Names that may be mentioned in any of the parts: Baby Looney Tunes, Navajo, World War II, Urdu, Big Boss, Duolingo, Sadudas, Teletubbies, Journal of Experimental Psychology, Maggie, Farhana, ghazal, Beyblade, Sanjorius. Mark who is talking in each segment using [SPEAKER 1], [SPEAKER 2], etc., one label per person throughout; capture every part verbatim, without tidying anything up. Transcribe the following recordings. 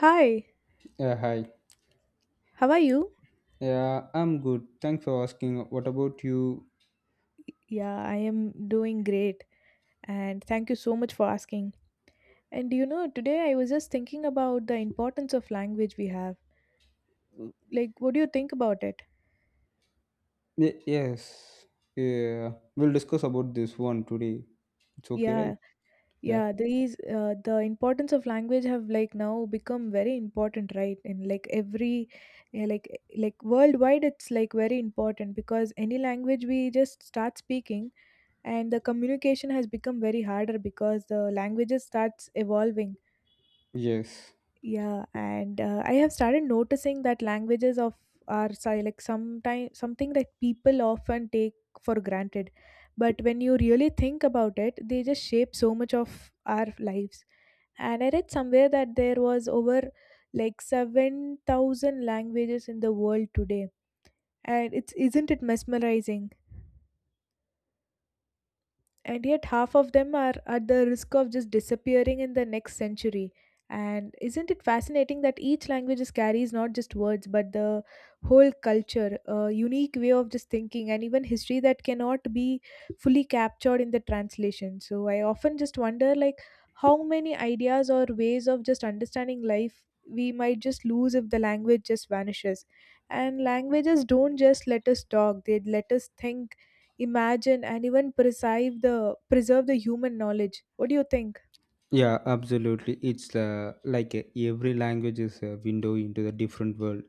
[SPEAKER 1] Hi,
[SPEAKER 2] Yeah, hi.
[SPEAKER 1] how are you?
[SPEAKER 2] Yeah, I'm good. Thanks for asking. What about you?
[SPEAKER 1] Yeah, I am doing great and thank you so much for asking. And you know, today I was just thinking about the importance of language we have. Like, what do you think about it?
[SPEAKER 2] Ye- Yes. Yeah, we'll discuss about this one today. It's okay, right?
[SPEAKER 1] Yeah,
[SPEAKER 2] Yeah.
[SPEAKER 1] yeah, these uh, the importance of language have like now become very important, right? And like every yeah, like like worldwide it's like very important because any language we just start speaking and the communication has become very harder because the languages starts evolving.
[SPEAKER 2] Yes.
[SPEAKER 1] Yeah, and uh, I have started noticing that languages of are si- like sometime something that people often take for granted, but when you really think about it, they just shape so much of our lives. And I read somewhere that there was over like seven thousand languages in the world today, and it's isn't it mesmerizing? And yet half of them are at the risk of just disappearing in the next century, and isn't it fascinating that each language just carries not just words but the whole culture, a unique way of just thinking and even history that cannot be fully captured in the translation? So I often just wonder like how many ideas or ways of just understanding life we might just lose if the language just vanishes. And languages don't just let us talk, they let us think, imagine and even preserve the preserve the human knowledge. What do you think?
[SPEAKER 2] Yeah, absolutely. It's uh, like uh, every language is a window into the different world.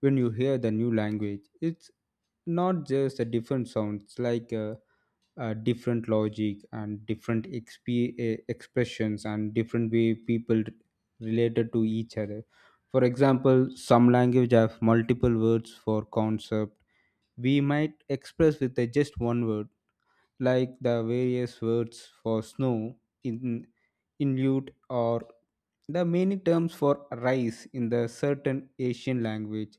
[SPEAKER 2] When you hear the new language, it's not just the different sounds. Like uh, uh, different logic and different exp- eh, expressions and different way people r- related to each other. For example, some language have multiple words for concept we might express with a just one word, like the various words for snow in inlute, or the many terms for rice in the certain asian language.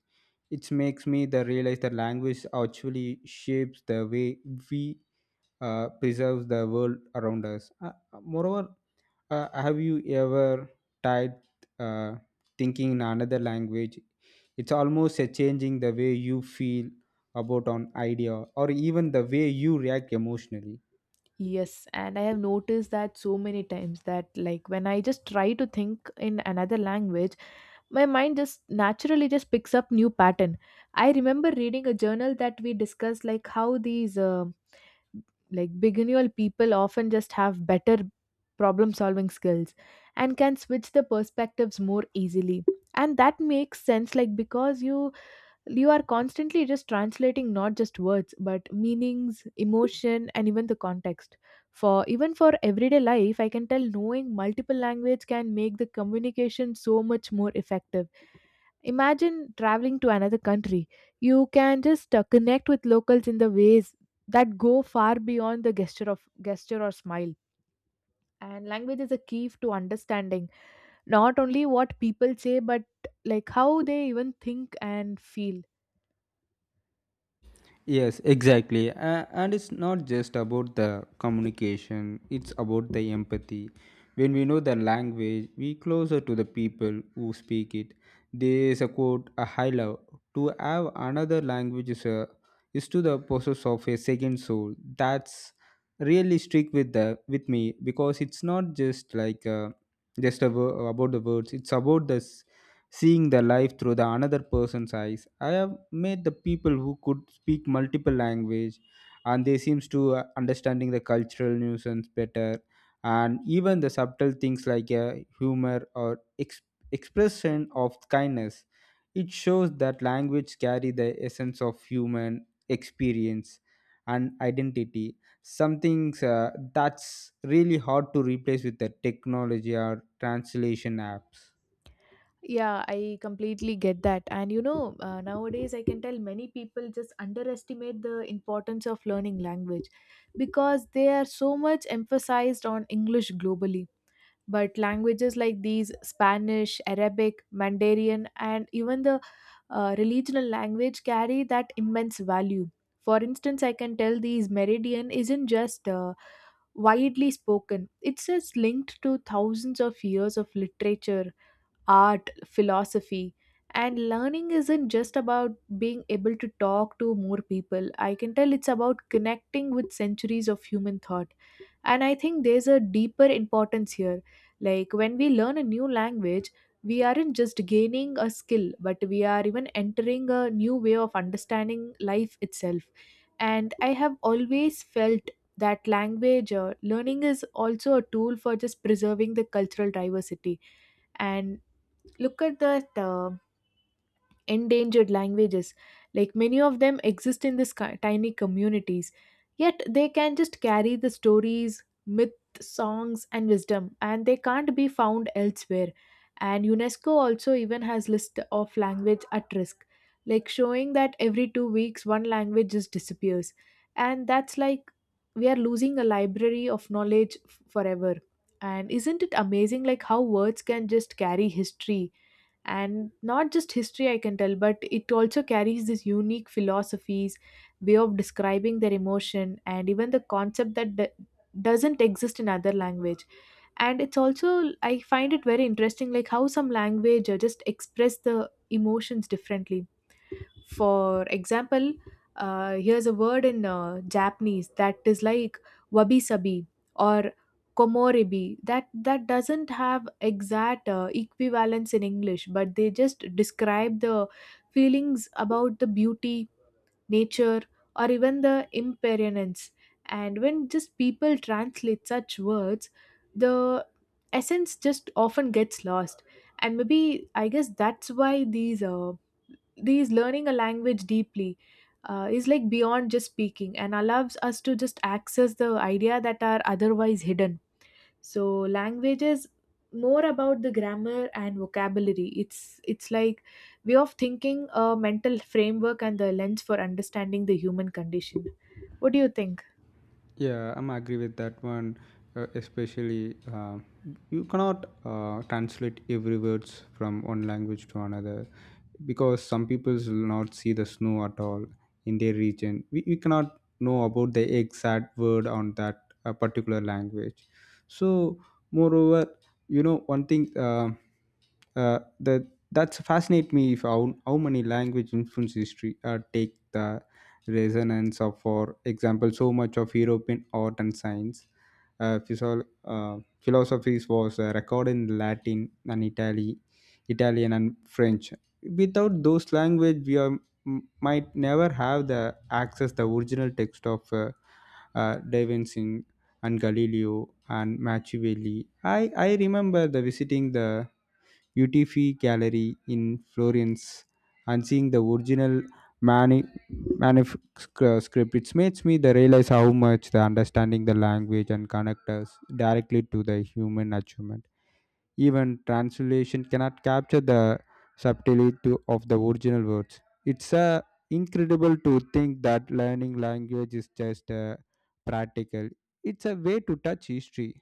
[SPEAKER 2] It makes me the realize that language actually shapes the way we uh, preserves the world around us. Uh, uh, moreover, uh, have you ever tried uh, thinking in another language? It's almost a changing the way you feel about an idea or even the way you react emotionally.
[SPEAKER 1] Yes, and I have noticed that so many times that like when I just try to think in another language, my mind just naturally just picks up new pattern. I remember reading a journal that we discussed like how these uh, like beginner people often just have better problem solving skills and can switch the perspectives more easily. And that makes sense like because you you are constantly just translating not just words but meanings, emotion and even the context. For even for everyday life, I can tell knowing multiple language can make the communication so much more effective. Imagine traveling to another country, you can just uh, connect with locals in the ways that go far beyond the gesture of gesture or smile. And language is a key to understanding not only what people say but like how they even think and feel.
[SPEAKER 2] Yes, exactly. A- and it's not just about the communication, it's about the empathy. When we know the language, we closer to the people who speak it. There is a quote, a high love. To have another language is, a, is to the process of a second soul. That's really stick with the with me because it's not just like uh, just a, wo- about the words. It's about this seeing the life through the another person's eyes. I have met the people who could speak multiple language, and they seems to uh, understanding the cultural nuisance better, and even the subtle things like uh, humor or ex- expression of kindness. It shows that language carry the essence of human experience and identity, something uh, that's really hard to replace with the technology or translation apps.
[SPEAKER 1] Yeah, I completely get that. And you know, uh, nowadays I can tell many people just underestimate the importance of learning language because they are so much emphasized on English globally. But languages like these Spanish, Arabic, Mandarin, and even the uh, regional language carry that immense value. For instance, I can tell these Meridian isn't just uh, widely spoken, it's just linked to thousands of years of literature, art, philosophy. And learning isn't just about being able to talk to more people. I can tell it's about connecting with centuries of human thought. And I think there's a deeper importance here. Like when we learn a new language, we aren't just gaining a skill, but we are even entering a new way of understanding life itself. And I have always felt that language uh, learning is also a tool for just preserving the cultural diversity. And look at that uh, endangered languages, like many of them exist in this ki- tiny communities, yet they can just carry the stories, myth, songs and wisdom, and they can't be found elsewhere. And UNESCO also even has list of language at risk, like showing that every two weeks one language just disappears, and that's like we are losing a library of knowledge f- forever. And isn't it amazing like how words can just carry history? And not just history, I can tell, but it also carries this unique philosophies, way of describing their emotion and even the concept that d- doesn't exist in other language. And it's also I find it very interesting like how some language uh, just express the emotions differently. For example, uh, here's a word in uh, Japanese that is like wabi sabi or komoribi that that doesn't have exact uh, equivalence in English, but they just describe the feelings about the beauty, nature, or even the impermanence. And when just people translate such words, the essence just often gets lost. And maybe I guess that's why these uh, these learning a language deeply uh, is like beyond just speaking and allows us to just access the idea that are otherwise hidden. So language is more about the grammar and vocabulary, it's it's like way of thinking, a mental framework and the lens for understanding the human condition. What do you think?
[SPEAKER 2] Yeah, I'm agree with that one. Uh, especially, uh, you cannot uh, translate every words from one language to another because some people will not see the snow at all in their region. We, we cannot know about the exact word on that uh, particular language. So moreover, you know one thing, uh, uh, that that's fascinate me if how, how many language influence history. Uh, take the resonance of, for example, so much of european art and science. Uh, physio- uh, philosophies was uh, recorded in latin and italy italian and french. Without those language we are m- might never have the access the original text of uh, uh, Da Vinci and Galileo and Machiavelli. I, I remember the visiting the U T F gallery in Florence and seeing the original mani- manuscript. It makes me the realize how much the understanding the language and connect us directly to the human achievement. Even translation cannot capture the subtlety of the original words. It's uh, incredible to think that learning language is just uh, practical. It's a way to touch history,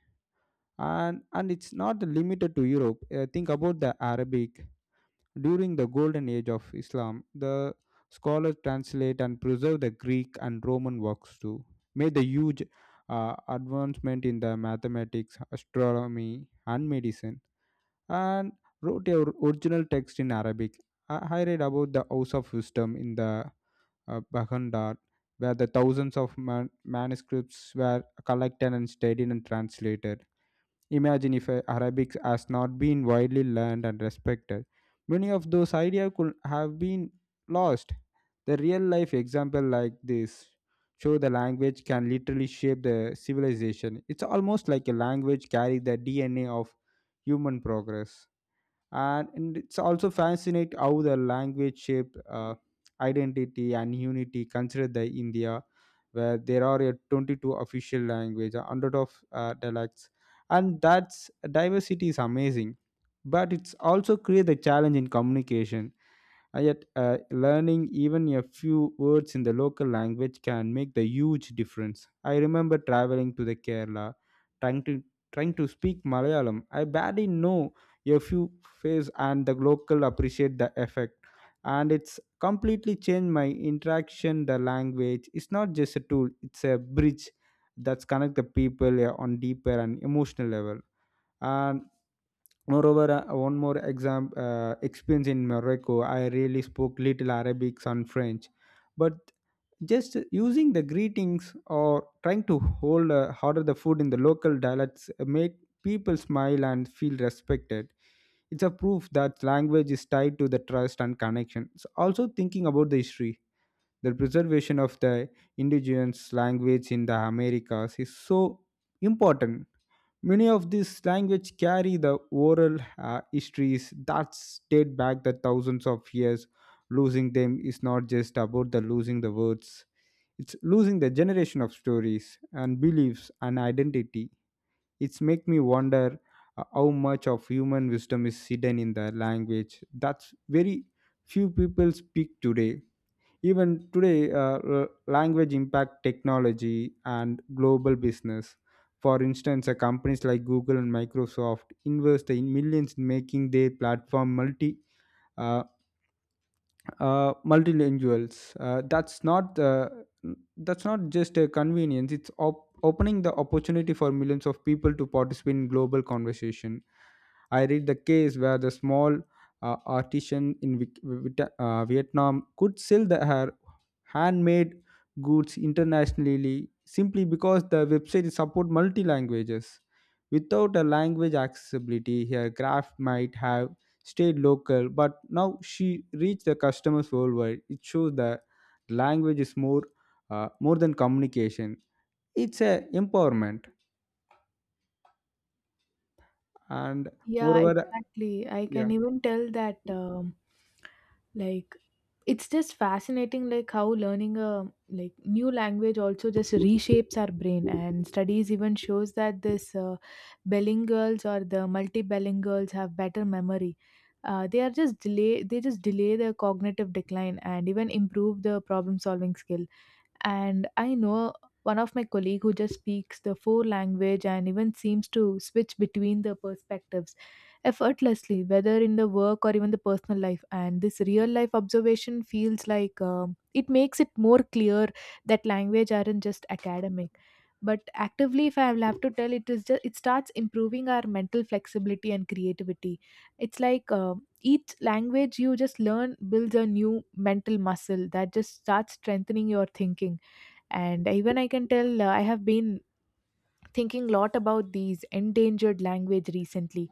[SPEAKER 2] and and it's not limited to Europe. Uh, think about the Arabic during the golden age of Islam. The scholars translate and preserve the Greek and Roman works too. Made the huge uh, advancement in the mathematics, astronomy, and medicine, and wrote a original text in Arabic. I I read about the House of Wisdom in the uh, Baghdad, where the thousands of man- manuscripts were collected and studied and translated. Imagine if uh, Arabic has not been widely learned and respected. Many of those ideas could have been lost. The real life example like this show the language can literally shape the civilization. It's almost like a language carry the D N A of human progress, and, and it's also fascinating how the language shaped uh, identity and unity. Considered the india, where there are a twenty-two official language, a hundred of uh, dialects, and that's diversity is amazing, but it's also create a challenge in communication. uh, Yet, uh, learning even a few words in the local language can make the huge difference. I remember traveling to the Kerala, trying to trying to speak Malayalam. I barely know a few phrases, and the local appreciate the effect. And it's completely changed my interaction. The language is not just a tool; it's a bridge that's connect the people uh, on deeper and emotional level. And moreover, uh, one more exam uh, experience in Morocco, I really spoke little Arabic and French, but just using the greetings or trying to hold uh, order the food in the local dialects make people smile and feel respected. It's a proof that language is tied to the trust and connection. So also thinking about the history, the preservation of the indigenous language in the Americas is so important. Many of these languages carry the oral uh, histories that date back the thousands of years. Losing them is not just about the losing the words; it's losing the generation of stories and beliefs and identity. It's make me wonder uh, how much of human wisdom is hidden in the language that's very few people speak today. Even today, uh, l- language impact technology and global business. For instance, uh, companies like Google and Microsoft invest in millions in making their platform multi uh, uh, multilinguals. Uh, that's not the that's not just a convenience. It's op- opening the opportunity for millions of people to participate in global conversation. I read the case where the small uh, artisan in Vic- Vita- uh, Vietnam could sell the, her handmade goods internationally simply because the website support multi languages. Without a language accessibility, her craft might have stayed local, but now she reached the customers worldwide. It shows that language is more uh, more than communication. It's a empowerment, and
[SPEAKER 1] Yeah,
[SPEAKER 2] moreover,
[SPEAKER 1] exactly, I
[SPEAKER 2] yeah,
[SPEAKER 1] can even tell that um, like it's just fascinating like how learning a like new language also just reshapes our brain, and studies even shows that this uh, bilinguals or the multibilinguals have better memory. Uh, they are just delay, they just delay the cognitive decline and even improve the problem solving skill. And I know one of my colleague who just speaks the four language and even seems to switch between the perspectives effortlessly, whether in the work or even the personal life. And this real life observation feels like um, it makes it more clear that language aren't just academic but actively, if I will have to tell, it is just it starts improving our mental flexibility and creativity. It's like um each language you just learn builds a new mental muscle that just starts strengthening your thinking. And even I can tell, uh, I have been thinking lot about these endangered language recently,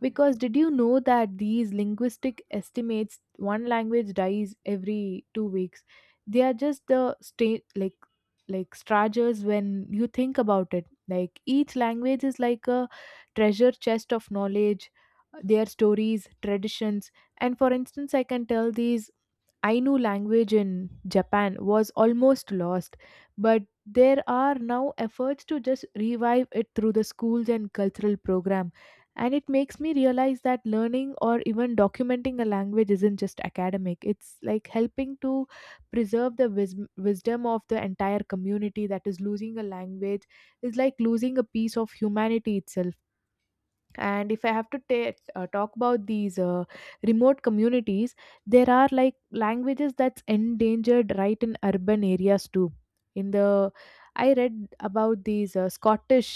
[SPEAKER 1] because did you know that these linguistic estimates one language dies every two weeks? They are just the state like like treasures. When you think about it, like each language is like a treasure chest of knowledge, their stories, traditions. And for instance, I can tell these Ainu language in Japan was almost lost, but there are now efforts to just revive it through the schools and cultural program. And it makes me realize that learning or even documenting a language isn't just academic, it's like helping to preserve the wis- wisdom of the entire community. That is, losing a language is like losing a piece of humanity itself. And if I have to ta- uh, talk about these uh, remote communities, there are like languages that's endangered right in urban areas too. In the I read about these uh, Scottish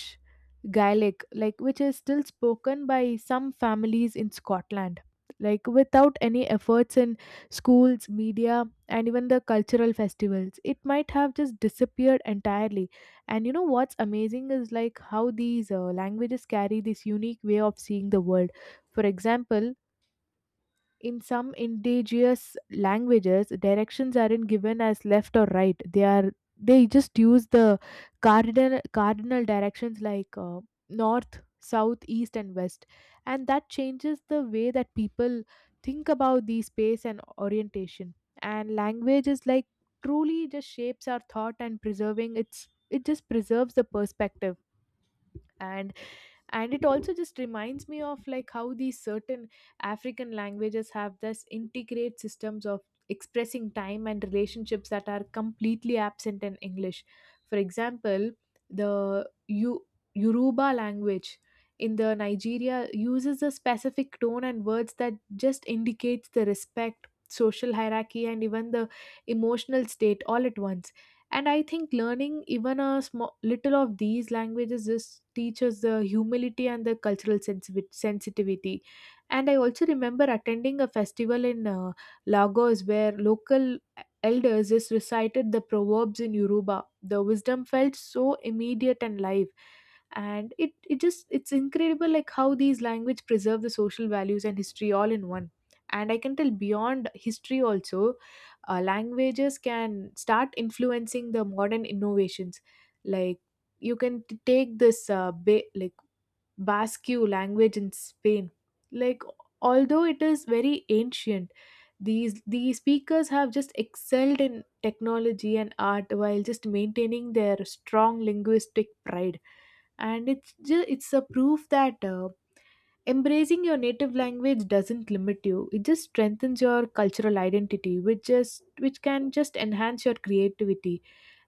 [SPEAKER 1] Gaelic, like which is still spoken by some families in Scotland. Like without any efforts in schools, media and even the cultural festivals, it might have just disappeared entirely. And you know what's amazing is like how these uh, languages carry this unique way of seeing the world. For example, in some indigenous languages, directions aren't given as left or right. They are they just use the cardinal cardinal directions like uh, north, south, east, and west, and that changes the way that people think about the space and orientation. And language is like truly just shapes our thought, and preserving its it just preserves the perspective. And and it also just reminds me of like how these certain African languages have this integrate systems of expressing time and relationships that are completely absent in English. For example, the U- yoruba language in the Nigeria uses a specific tone and words that just indicates the respect, social hierarchy and even the emotional state all at once. And I think learning even a small little of these languages just teaches the humility and the cultural sensibi- sensitivity. And I also remember attending a festival in uh, Lagos where local elders just recited the proverbs in Yoruba. The wisdom felt so immediate and live. And it, it just it's incredible like how these language preserve the social values and history all in one. And I can tell beyond history also, uh, languages can start influencing the modern innovations. Like you can t- take this uh, ba- like Basque language in Spain. Like although it is very ancient, these these speakers have just excelled in technology and art while just maintaining their strong linguistic pride. And it's just it's a proof that uh, embracing your native language doesn't limit you. It just strengthens your cultural identity, which just which can just enhance your creativity.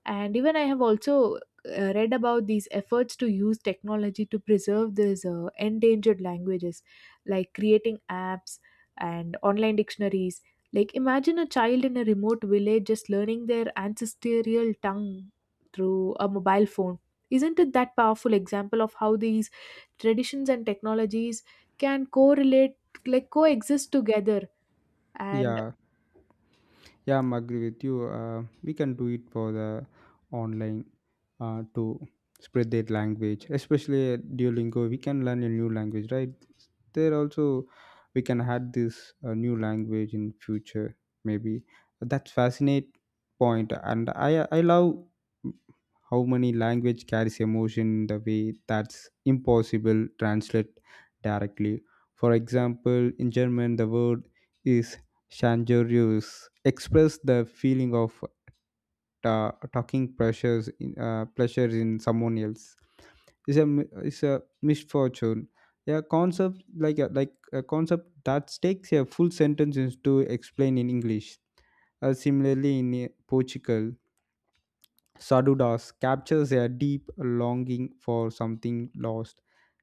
[SPEAKER 1] And even I have also uh, read about these efforts to use technology to preserve these uh, endangered languages, like creating apps and online dictionaries. Like imagine a child in a remote village just learning their ancestral tongue through a mobile phone. Isn't it that powerful example of how these traditions and technologies can correlate, like coexist together. And
[SPEAKER 2] yeah. Yeah, I'm agree with you. Uh, we can do it for the online uh, to spread that language, especially at Duolingo. We can learn a new language, right? There also we can add this uh, new language in future, maybe. That's fascinate point, and I I love how many language carries emotion in the way that's impossible translate directly. For example, in German, the word is Sanjorius express the feeling of ta- talking pressures in, uh, pleasures in someone else. It's a m- it's a misfortune. A concept like a, like a concept that takes a full sentence is to explain in English. Uh, similarly, in uh, Portugal, Sadudas captures a deep longing for something lost.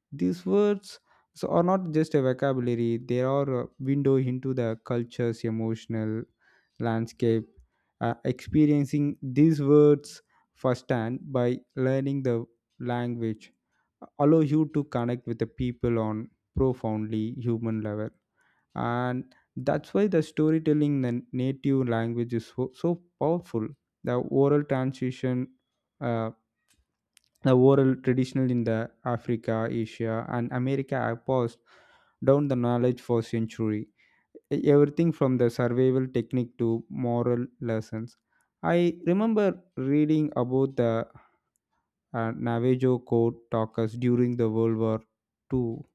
[SPEAKER 2] These words so are not just a vocabulary, they are a window into the culture's emotional landscape. Uh, experiencing these words firsthand by learning the language uh, allow you to connect with the people on profoundly human level. And that's why the storytelling in the native language is so, so powerful. The oral transition uh, the oral traditional in the Africa, Asia, and America have passed down the knowledge for century. E, Everything from the survival technique to moral lessons. I remember reading about the uh, Navajo code talkers during the World War the second,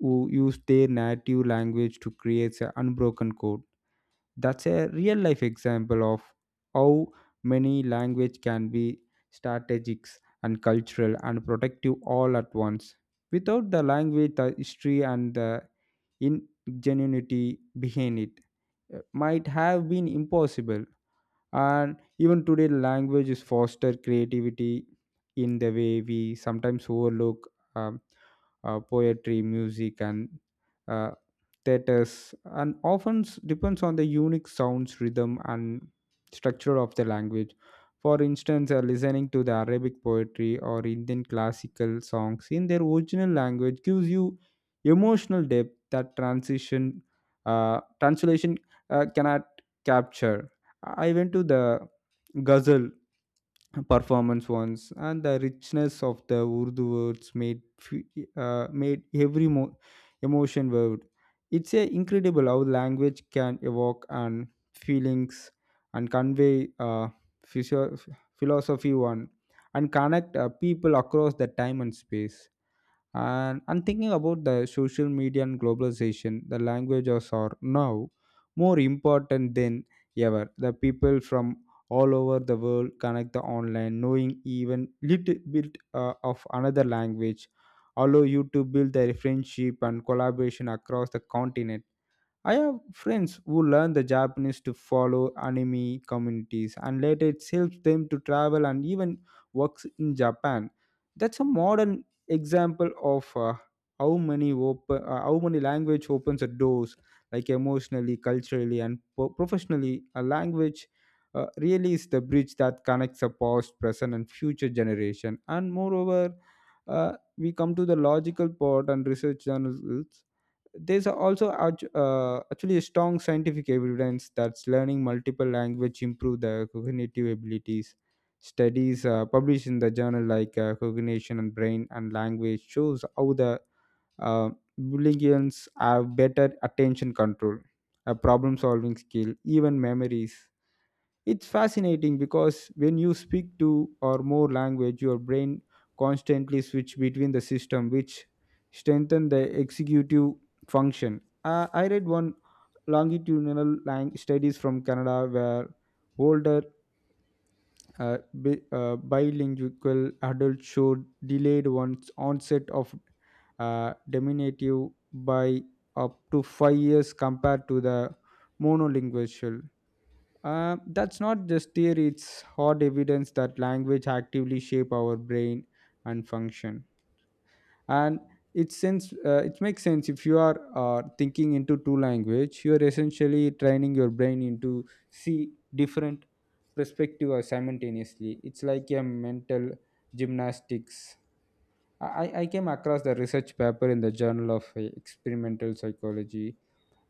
[SPEAKER 2] who used their native language to create an unbroken code. That's a real life example of how many language can be strategic and cultural and protective all at once. Without the language, the history and the ingenuity behind it uh, might have been impossible. And even today language is foster creativity in the way we sometimes overlook. um, uh, Poetry, music, and uh, theaters and often s- depends on the unique sounds, rhythm, and structure of the language. For instance, uh, listening to the arabic poetry or indian classical songs in their original language gives you emotional depth that transition uh, translation uh, cannot capture. I went to the ghazal performance once, and the richness of the Urdu words made fe- uh, made every mo- emotion word. It's a incredible how language can evoke and feelings and convey uh, physio- philosophy one and connect uh, people across the time and space. And I'm thinking about the social media and globalization, the languages are now more important than ever. The people from all over the world connect the online, knowing even little bit uh, of another language, allow you to build their friendship and collaboration across the continent. I have friends who learn the Japanese to follow anime communities, and later it helps them to travel and even works in Japan. That's a modern example of uh, how many open, uh, how many language opens the doors, like emotionally, culturally, and po- professionally. A language uh, really is the bridge that connects the past, present and future generation. And moreover, uh, we come to the logical part and research journals. There's also act- uh, actually a strong scientific evidence that learning multiple language improve the cognitive abilities. Studies uh, published in the journal like uh, cognition and brain and language shows how the uh, billions have better attention control, uh, problem solving skill, even memories. It's fascinating because when you speak two or more language, your brain constantly switch between the system, which strengthen the executive function. Uh, I read one longitudinal lang- studies from Canada where older uh, bi- uh, bilingual adults showed delayed one's onset of uh, diminutive by up to five years compared to the monolingual. Uh, that's not just theory, it's hard evidence that language actively shape our brain and function. And it sense uh, it makes sense if you are uh, thinking into two language, you are essentially training your brain into see different perspective uh, simultaneously. It's like a mental gymnastics. I, I I came across the research paper in the Journal of uh, Experimental Psychology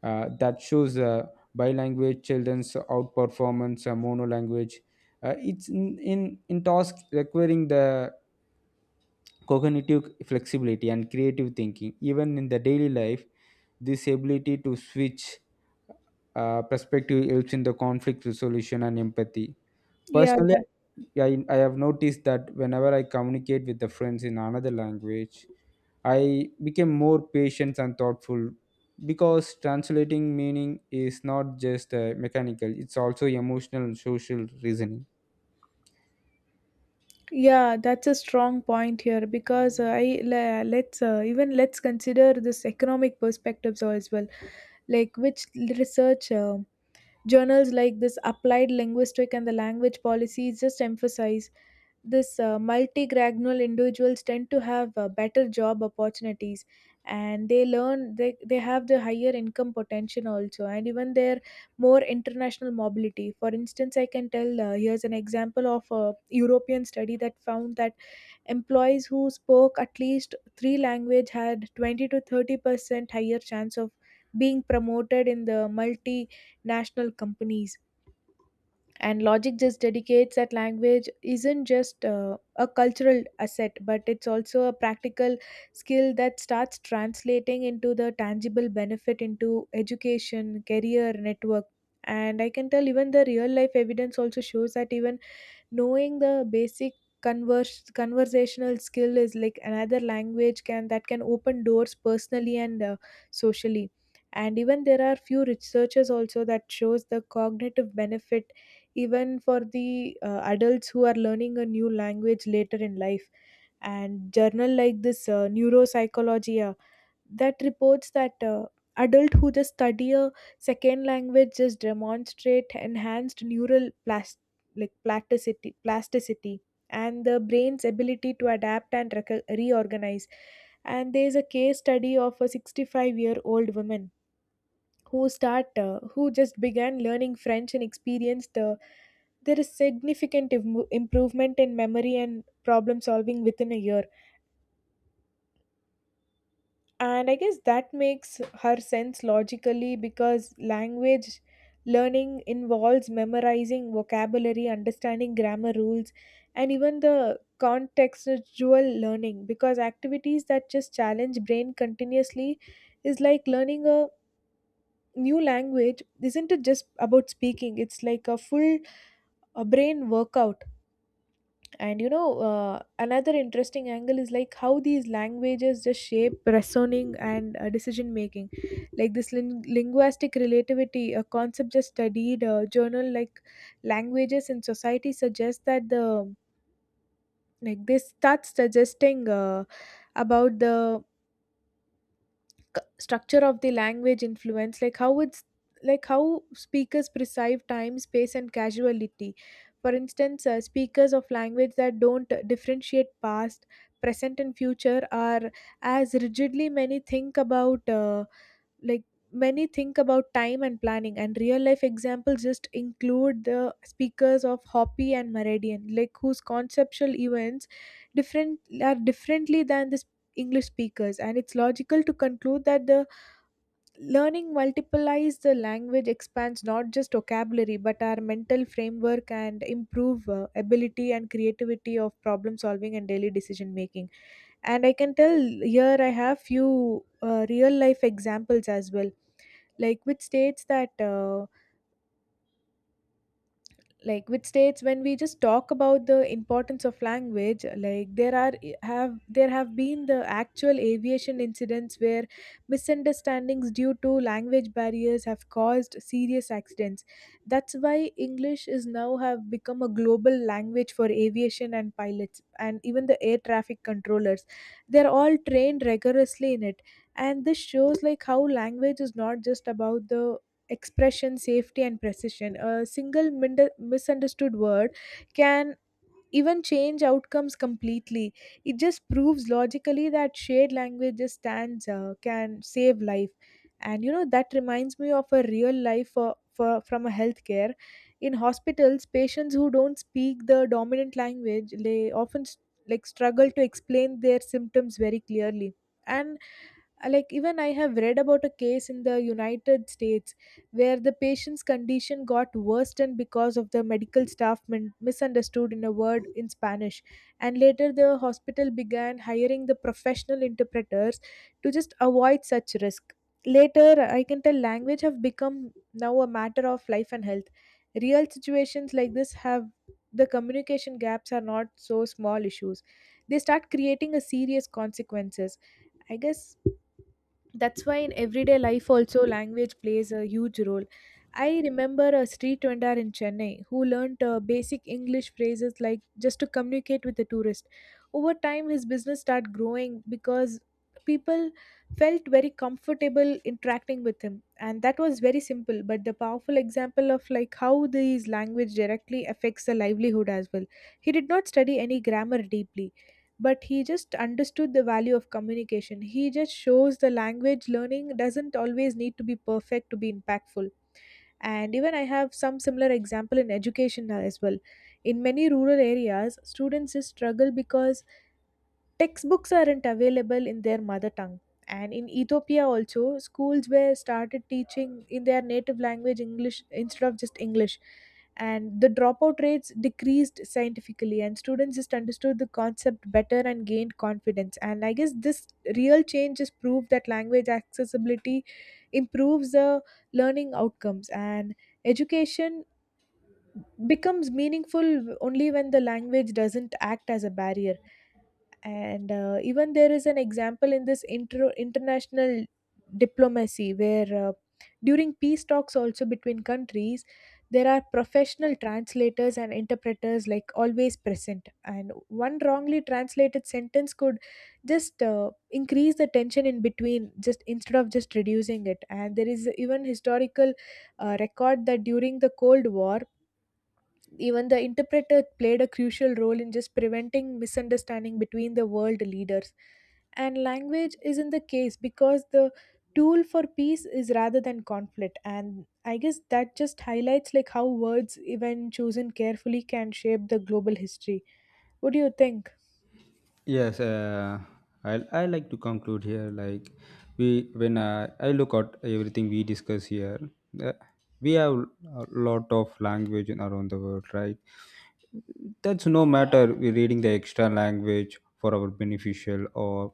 [SPEAKER 2] uh, that shows uh, bilanguage children's outperformance uh, monolanguage. Uh, it's in, in, in task requiring the cognitive flexibility and creative thinking. Even in the daily life, this ability to switch uh, perspective helps in the conflict resolution and empathy. Personally, I, I have noticed that whenever I communicate with the friends in another language, I became more patient and thoughtful because translating meaning is not just uh, mechanical, it's also emotional and social reasoning.
[SPEAKER 1] yeah, that's a strong point here because uh, I le- let's uh, even let's consider this economic perspectives as well, like which research uh, journals like this applied linguistic and the language policies just emphasize this uh, multigranular individuals tend to have uh, better job opportunities, and they learn, they, they have the higher income potential also, and even their more international mobility. For instance, I can tell, uh, here's an example of a european study that found that employees who spoke at least three language had twenty to thirty percent higher chance of being promoted in the multinational companies. And logic just dedicates that language isn't just uh, a cultural asset but it's also a practical skill that starts translating into the tangible benefit into education career network. And I can tell, even the real life evidence also shows that even knowing the basic converse, conversational skill is like another language can that can open doors personally and uh, socially. And even there are few researchers also that shows the cognitive benefit even for the uh, adults who are learning a new language later in life. And journal like this uh, neuropsychology uh, that reports that uh, adult who just study a second language just demonstrate enhanced neural plas- like plasticity plasticity, and the brain's ability to adapt and rec- reorganize. And there is a case study of a sixty-five year old woman who start uh, who just began learning french and experienced, uh, there is significant im- improvement in memory and problem solving within a year. And I guess that makes her sense logically because language learning involves memorizing vocabulary, understanding grammar rules, and even the contextual learning because activities that just challenge brain continuously is like learning a new language, isn't it just about speaking, it's like a full a brain workout. And you know, uh, another interesting angle is like how these languages just shape reasoning and uh, decision making, like this lin- linguistic relativity, a concept just studied a journal like languages in society suggests that the, like this starts suggesting uh, about the structure of the language influence like how it's, like how speakers perceive time space and casuality. For instance, uh, speakers of language that don't differentiate past, present and future are as rigidly many think about, uh, like many think about time and planning. And real life examples just include the speakers of hopi and meridian, like whose conceptual events different are differently than the english speakers. And it's logical to conclude that the learning multiplies the language expands not just vocabulary but our mental framework and improve uh, ability and creativity of problem solving and daily decision making. And I can tell here I have few uh, real life examples as well, like which states that, uh, like with states when we just talk about the importance of language, like there are have, there have been the actual aviation incidents where misunderstandings due to language barriers have caused serious accidents. That's why english is now have become a global language for aviation, and pilots and even the air traffic controllers, they're all trained rigorously in it. And this shows like how language is not just about the expression, safety, and precision. A single mind- misunderstood word can even change outcomes completely. It just proves logically that shared language just stands, uh, can save life. And you know, that reminds me of a real life, uh, for, from a healthcare. In hospitals, patients who don't speak the dominant language they often s- like struggle to explain their symptoms very clearly, and uh, like even I have read about a case in the united states where the patient's condition got worsened because of the medical staff min- misunderstood in a word in spanish, and later the hospital began hiring the professional interpreters to just avoid such risk later. I can tell language have become now a matter of life and health. Real situations like this have, the communication gaps are not so small issues, they start creating a serious consequences. I guess that's why in everyday life also language plays a huge role. I remember a street vendor in chennai who learned uh, basic english phrases like just to communicate with the tourist. Over time his business started growing because people felt very comfortable interacting with him, and that was very simple but the powerful example of like how these language directly affects the livelihood as well. He did not study any grammar deeply, but he just understood the value of communication. He just shows the language learning doesn't always need to be perfect to be impactful. And even I have some similar example in education as well. In many rural areas, students just struggle because textbooks aren't available in their mother tongue. And in Ethiopia, also, schools were started teaching in their native language english instead of just english. And the dropout rates decreased scientifically, and students just understood the concept better and gained confidence. And I guess this real change just proved that language accessibility improves the learning outcomes, and education becomes meaningful only when the language doesn't act as a barrier. And uh, even there is an example in this inter- international diplomacy where, uh, during peace talks also between countries, there are professional translators and interpreters like always present, and one wrongly translated sentence could just uh, increase the tension in between just instead of just reducing it. And there is even historical uh, record that during the cold war even the interpreter played a crucial role in just preventing misunderstanding between the world leaders. And language is in the case because the tool for peace is rather than conflict. And I guess that just highlights like how words, even chosen carefully, can shape the global history. What do you think?
[SPEAKER 2] Yes, uh, I I like to conclude here. Like we, when uh, I look at everything we discuss here, uh, we have a lot of language in around the world, right? That's no matter we're reading the extra language for our beneficial, or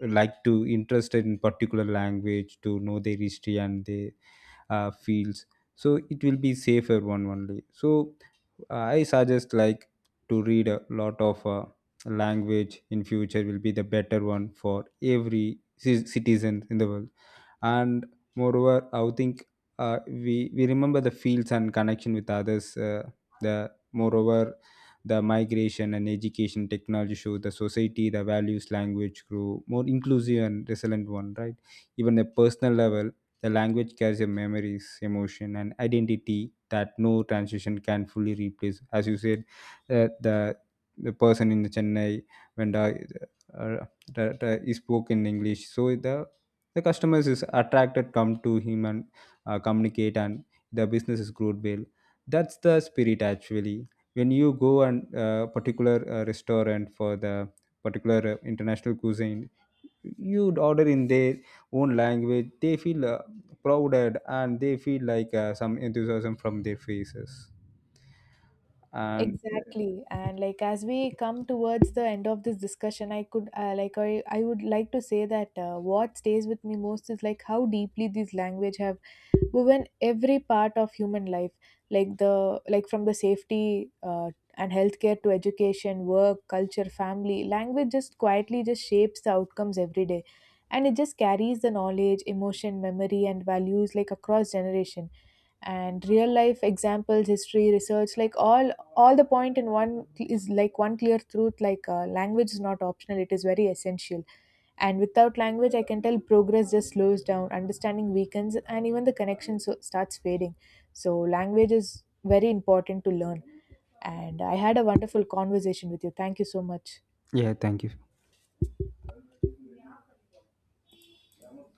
[SPEAKER 2] like to interested in particular language to know their history and their uh, fields, so it will be safer one only. So uh, I suggest, like, to read a lot of uh, language in future will be the better one for every ci- citizen in the world. And moreover, I would think uh, we we remember the fields and connection with others. uh, the moreover the migration and education technology show the society the values language grew more inclusive and resilient one, right? Even at personal level, the language carries your memories, emotion and identity that no transition can fully replace, as you said. uh, the the person in chennai, when the, uh, the, the, he spoke in english, so the the customers is attracted come to him and uh, communicate, and the business is growed well. That's the spirit actually. When you go and uh, particular uh, restaurant for the particular uh, international cuisine, you order in their own language, they feel uh, prouded, and they feel like uh, some enthusiasm from their faces. And
[SPEAKER 1] Exactly. And like as we come towards the end of this discussion, I could, uh, like I, I would like to say that uh, what stays with me most is like how deeply these language have woven every part of human life, like the, like from the safety uh, and healthcare to education work culture family language just quietly just shapes the outcomes every day. And it just carries the knowledge emotion memory and values like across generation. And real life examples history research, like all all the point in one is like one clear truth, like uh, language is not optional, it is very essential. And without language I can tell progress just slows down, understanding weakens, and even the connection so starts fading. So language is very important to learn, and I had a wonderful conversation with you. Thank you so much.
[SPEAKER 2] yeah, thank you.